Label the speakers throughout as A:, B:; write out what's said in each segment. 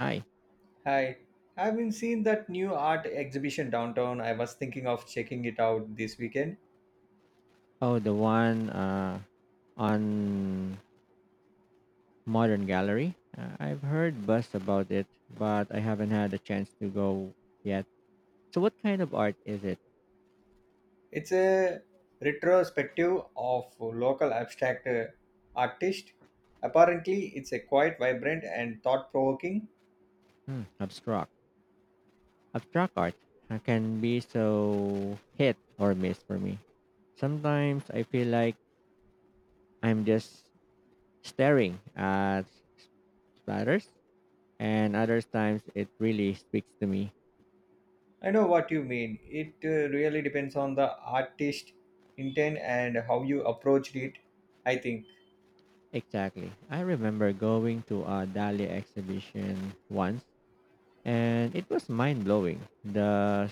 A: Hi.
B: Hi, have you seen that new art exhibition downtown? I was thinking of checking it out this weekend.
A: Oh, the one on Modern Gallery. I've heard buzz about it, but I haven't had a chance to go yet. So, what kind of art is it?
B: It's a retrospective of local abstract artist. Apparently, it's a quite vibrant and thought-provoking.
A: Hmm, abstract. Abstract art can be so hit or miss for me. Sometimes I feel like I'm just staring at splatters, and other times it really speaks to me.
B: I know what you mean. It really depends on the artist intent and how you approached it, I think.
A: Exactly. I remember going to a Dali exhibition once and it was mind blowing. The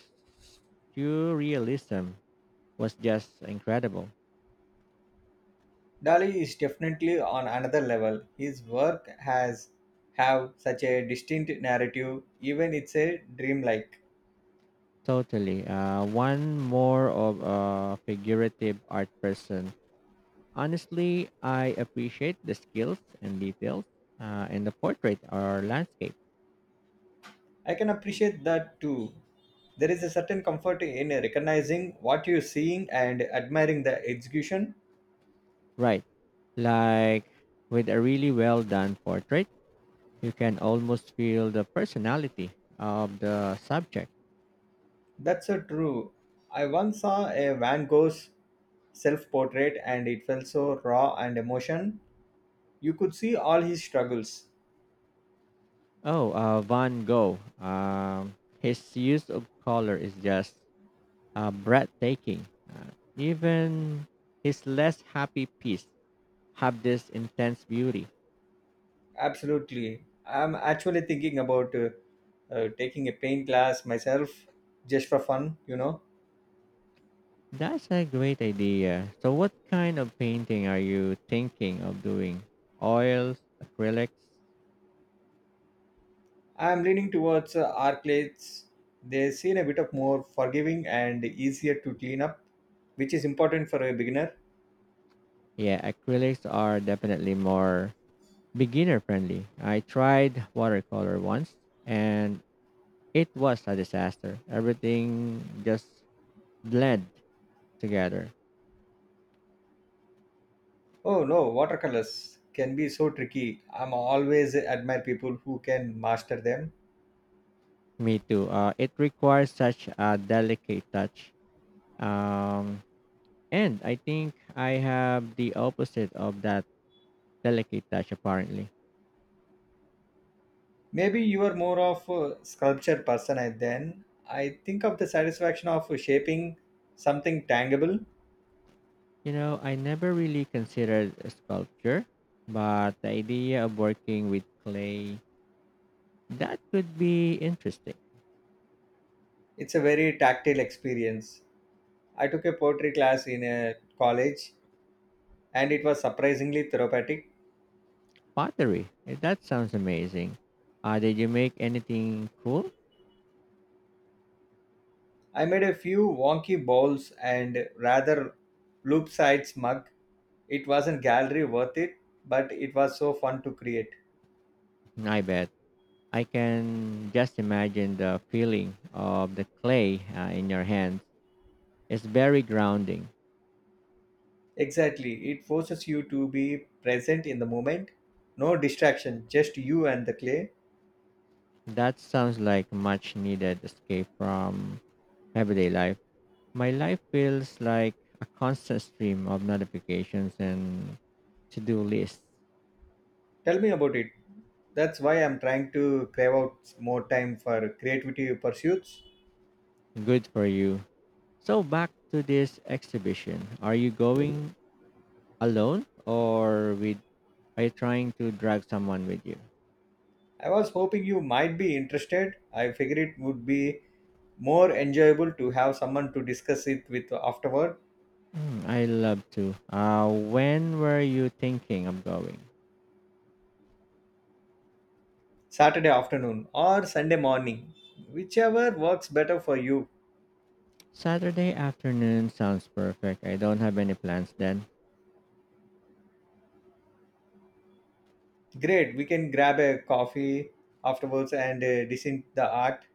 A: surrealism was just incredible.
B: Dali is definitely on another level. His work has have such a distinct narrative, even it's a dreamlike.
A: Totally, one more of a figurative art person. Honestly, I appreciate the skills and details in the portrait or landscape.
B: I can appreciate that too. There is a certain comfort in recognizing what you're seeing and admiring the execution.
A: Right, like with a really well done portrait, you can almost feel the personality of the subject.
B: That's so true. I once saw a Van Gogh's self portrait and it felt so raw and emotion. You could see all his struggles.
A: Oh, Van Gogh. His use of color is just breathtaking. Even his less happy piece have this intense beauty.
B: Absolutely. I'm actually thinking about taking a paint class myself just for fun.
A: That's a great idea. So, what kind of painting are you thinking of doing? Oils, acrylics?
B: I'm leaning towards Arclades. They seem a bit of more forgiving and easier to clean up, which is important for a beginner.
A: Yeah, acrylics are definitely more beginner friendly. I tried watercolor once and it was a disaster. Everything just bled together.
B: Oh no, watercolors can be so tricky. I'm always admire people who can master them.
A: Me too. It requires such a delicate touch. Um, and I think I have the opposite of that delicate touch, apparently.
B: Maybe you are more of a sculpture person then. I think of the satisfaction of shaping something tangible.
A: You know, I never really considered a sculpture, but the idea of working with clay, that could be interesting.
B: It's a very tactile experience. I took a poetry class in a college and it was surprisingly therapeutic.
A: Pottery, eh, that sounds amazing. Did you make anything cool?
B: I made a few wonky bowls and rather loop-side mug. It wasn't gallery worth it, but it was so fun to create.
A: I bet. I can just imagine the feeling of the clay in your hand. It's very grounding.
B: Exactly, it forces you to be present in the moment. No distraction, just you and the clay.
A: That sounds like much needed escape from everyday life. My life feels like a constant stream of notifications and to do lists.
B: Tell me about it. That's why I'm trying to crave out more time for creativity pursuits.
A: Good for you. So back to this exhibition. Are you going alone or with are you trying to drag someone with you?
B: I was hoping you might be interested. I figured it would be more enjoyable to have someone to discuss it with afterward.
A: Mm, I love to. When were you thinking of going?
B: Saturday afternoon or Sunday morning, whichever works better for you.
A: Saturday afternoon sounds perfect. I don't have any plans then.
B: Great, we can grab a coffee afterwards and dissent the art.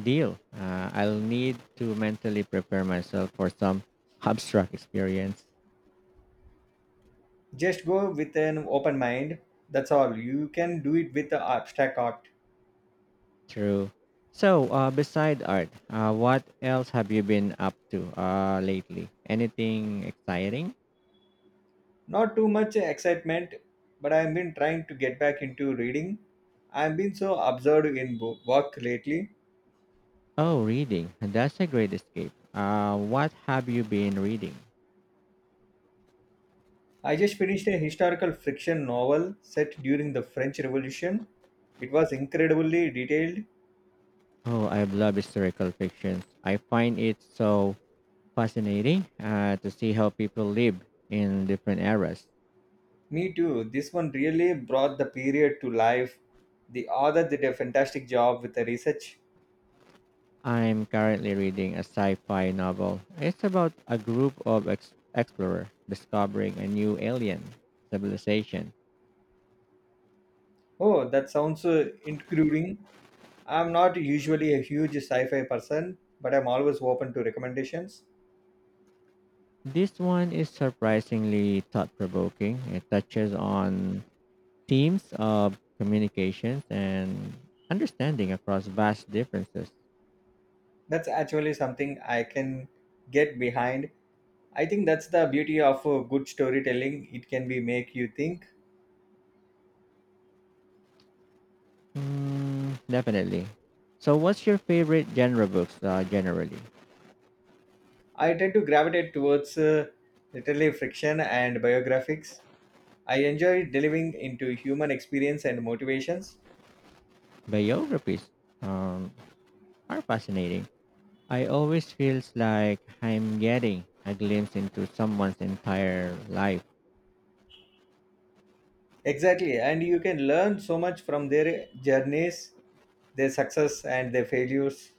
A: Deal. I'll need to mentally prepare myself for some abstract experience.
B: Just go with an open mind. That's all. You can do it with the abstract art.
A: True. So, beside art, what else have you been up to lately? Anything exciting?
B: Not too much excitement, but I've been trying to get back into reading. I've been so absorbed in work lately.
A: Oh, reading. That's a great escape. What have you been reading?
B: I just finished a historical fiction novel set during the French Revolution. It was incredibly detailed.
A: Oh, I love historical fictions. I find it so fascinating to see how people live in different eras.
B: Me too. This one really brought the period to life. The author did a fantastic job with the research.
A: I'm currently reading a sci-fi novel. It's about a group of explorers discovering a new alien civilization.
B: Oh, that sounds intriguing. I'm not usually a huge sci-fi person, but I'm always open to recommendations.
A: This one is surprisingly thought-provoking. It touches on themes of communications and understanding across vast differences.
B: That's actually something I can get behind. I think that's the beauty of good storytelling. It can be make you think.
A: Mm, definitely. So, what's your favorite genre books generally?
B: I tend to gravitate towards literary fiction and biographies. I enjoy delving into human experience and motivations.
A: Biographies um, are fascinating. I always feels like I'm getting a glimpse into someone's entire life.
B: Exactly, and you can learn so much from their journeys, their success, and their failures.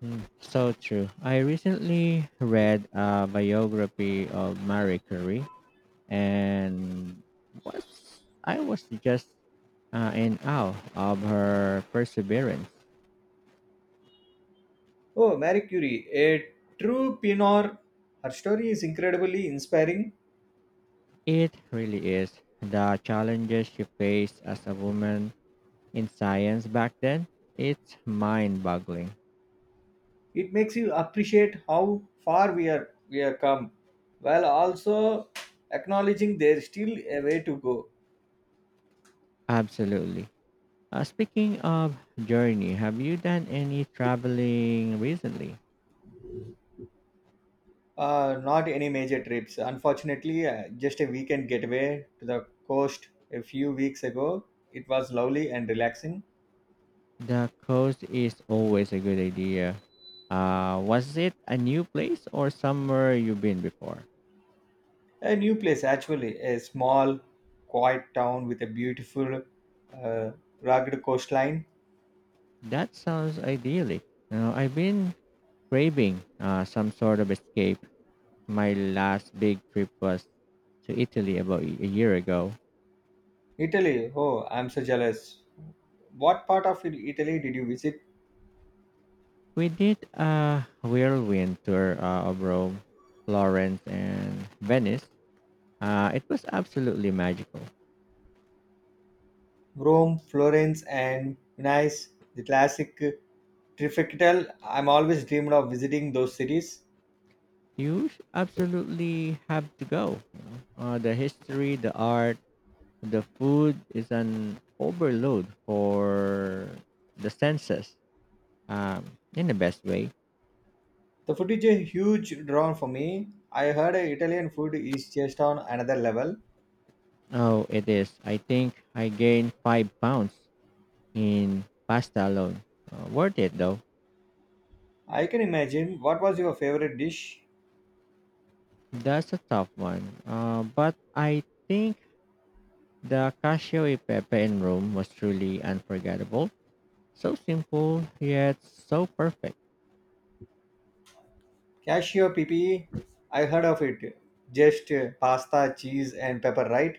A: Hmm, so true. I recently read a biography of Marie Curie and was I was just in awe of her perseverance.
B: Oh, Marie Curie, a true pioneer. Her story is incredibly inspiring.
A: It really is the challenges she faced as a woman in science back then. It's mind-boggling.
B: It makes you appreciate how far we have come, while also acknowledging there's still a way to go.
A: Absolutely. Speaking of journey, have you done any traveling recently?
B: Not any major trips, unfortunately. Just a weekend getaway to the coast a few weeks ago. It was lovely and relaxing.
A: The coast is always a good idea. Was it a new place or somewhere you've been before?
B: A new place, actually, a small, quiet town with a beautiful, uh, rugged coastline.
A: That sounds idyllic. Now, I've been craving some sort of escape. My last big trip was to Italy about a year ago.
B: Italy, oh, I'm so jealous. What part of Italy did you visit?
A: We did a whirlwind tour of Rome, Florence, and Venice. It was absolutely magical.
B: Rome, Florence, and Venice, the classic trifecta. I'm always dreamed of visiting those cities.
A: Absolutely have to go. The history, the art, the food is an overload for the senses um, in the best way.
B: The food is a huge draw for me. I heard Italian food is just on another level.
A: Oh, it is. I think I gained five pounds in pasta alone. Worth it though.
B: I can imagine. What was your favorite dish?
A: That's a tough one. But I think the cashew e pepe in Rome was truly unforgettable. So simple, yet so perfect.
B: Cassiopepe, I heard of it. Just pasta, cheese, and pepper, right?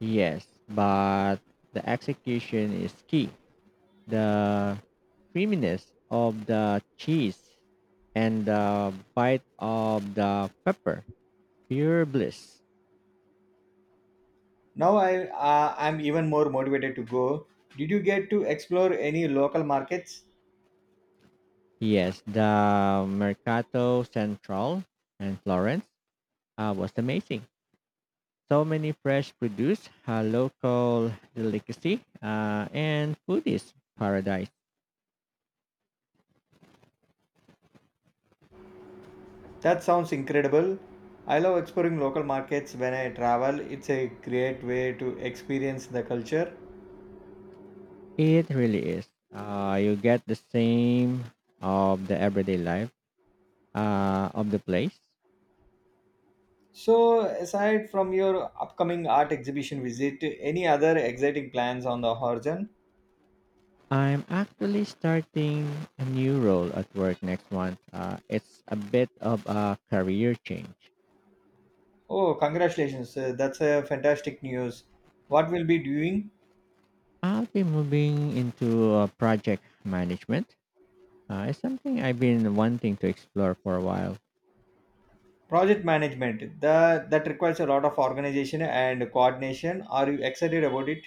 A: Yes, but the execution is key. The creaminess of the cheese and the bite of the pepper. Pure bliss.
B: Now I'm even more motivated to go. Did you get to explore any local markets?
A: Yes, the Mercato Central in Florence was amazing. So many fresh produce, a local delicacy, and food is paradise.
B: That sounds incredible. I love exploring local markets when I travel. It's a great way to experience the culture.
A: It really is. You get the same of the everyday life of the place.
B: So, aside from your upcoming art exhibition visit, any other exciting plans on the horizon?
A: I'm actually starting a new role at work next month. It's a bit of a career change.
B: Oh, congratulations! That's a fantastic news. What will be doing?
A: I'll be moving into project management. It's something I've been wanting to explore for a while.
B: Project management, that requires a lot of organization and coordination. Are you excited about it?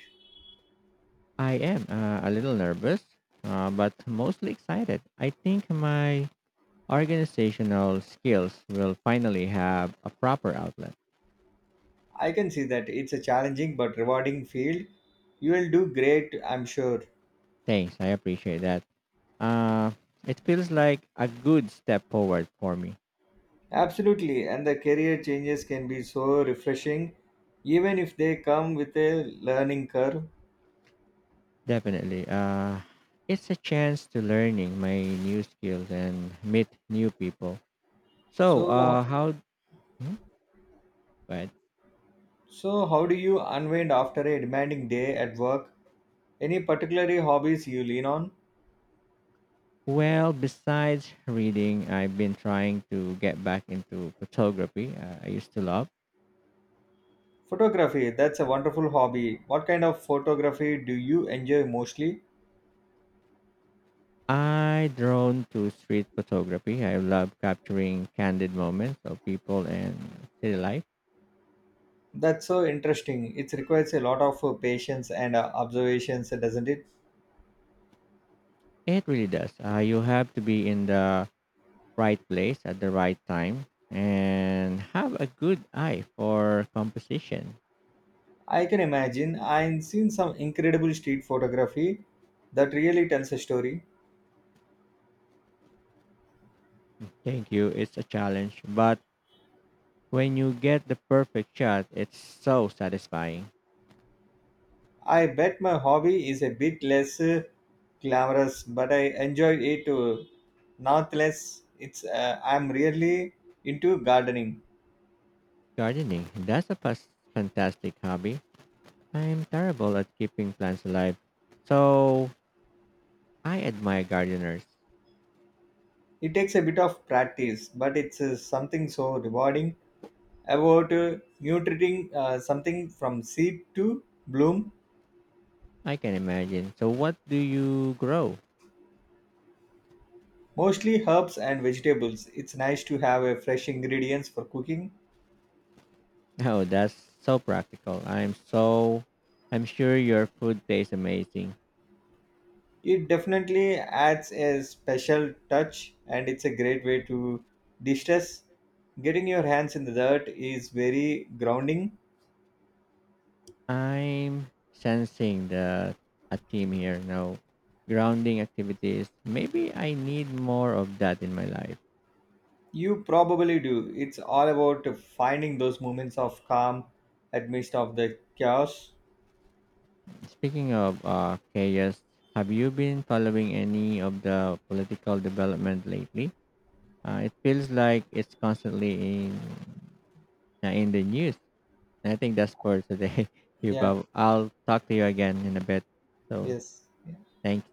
A: I am a little nervous, but mostly excited. I think my organizational skills will finally have a proper outlet.
B: I can see that it's a challenging but rewarding field. You will do great, I'm sure.
A: Thanks, I appreciate that. Uh, it feels like a good step forward for me.
B: Absolutely, and the career changes can be so refreshing, even if they come with a learning curve.
A: Definitely. It's a chance to learning my new skills and meet new people. So,
B: So,
A: how? Hmm? But
B: so how do you unwind after a demanding day at work? Any particular hobbies you lean on?
A: well, besides reading, I've been trying to get back into photography. I used to love.
B: Photography, that's a wonderful hobby. What kind of photography do you enjoy mostly?
A: I drawn to street photography. I love capturing candid moments of people and city life.
B: That's so interesting. It requires a lot of patience and observations, doesn't it?
A: It really does. You have to be in the right place at the right time and have a good eye for composition.
B: I can imagine. I've seen some incredible street photography that really tells a story.
A: Thank you. It's a challenge, but when you get the perfect shot, it's so satisfying.
B: I bet my hobby is a bit less glamorous, but I enjoy it nonetheless. It's I'm really into gardening.
A: Gardening, that's a fantastic hobby. I'm terrible at keeping plants alive. So, I admire gardeners.
B: It takes a bit of practice, but it's something so rewarding about nurturing something from seed to bloom.
A: I can imagine. So, what do you grow?
B: Mostly herbs and vegetables. It's nice to have a fresh ingredients for cooking.
A: Oh, that's so practical. I'm sure your food tastes amazing.
B: It definitely adds a special touch and it's a great way to distress. Getting your hands in the dirt is very grounding.
A: I'm sensing the a theme here. No grounding activities. Maybe I need more of that in my life.
B: You probably do. It's all about finding those moments of calm amidst of the chaos.
A: Speaking of chaos, have you been following any of the political development lately? It feels like it's constantly in the news. I think that's for today.
B: Yeah,
A: Hubab. I'll talk to you again in a bit. So
B: yes. Yeah.
A: thank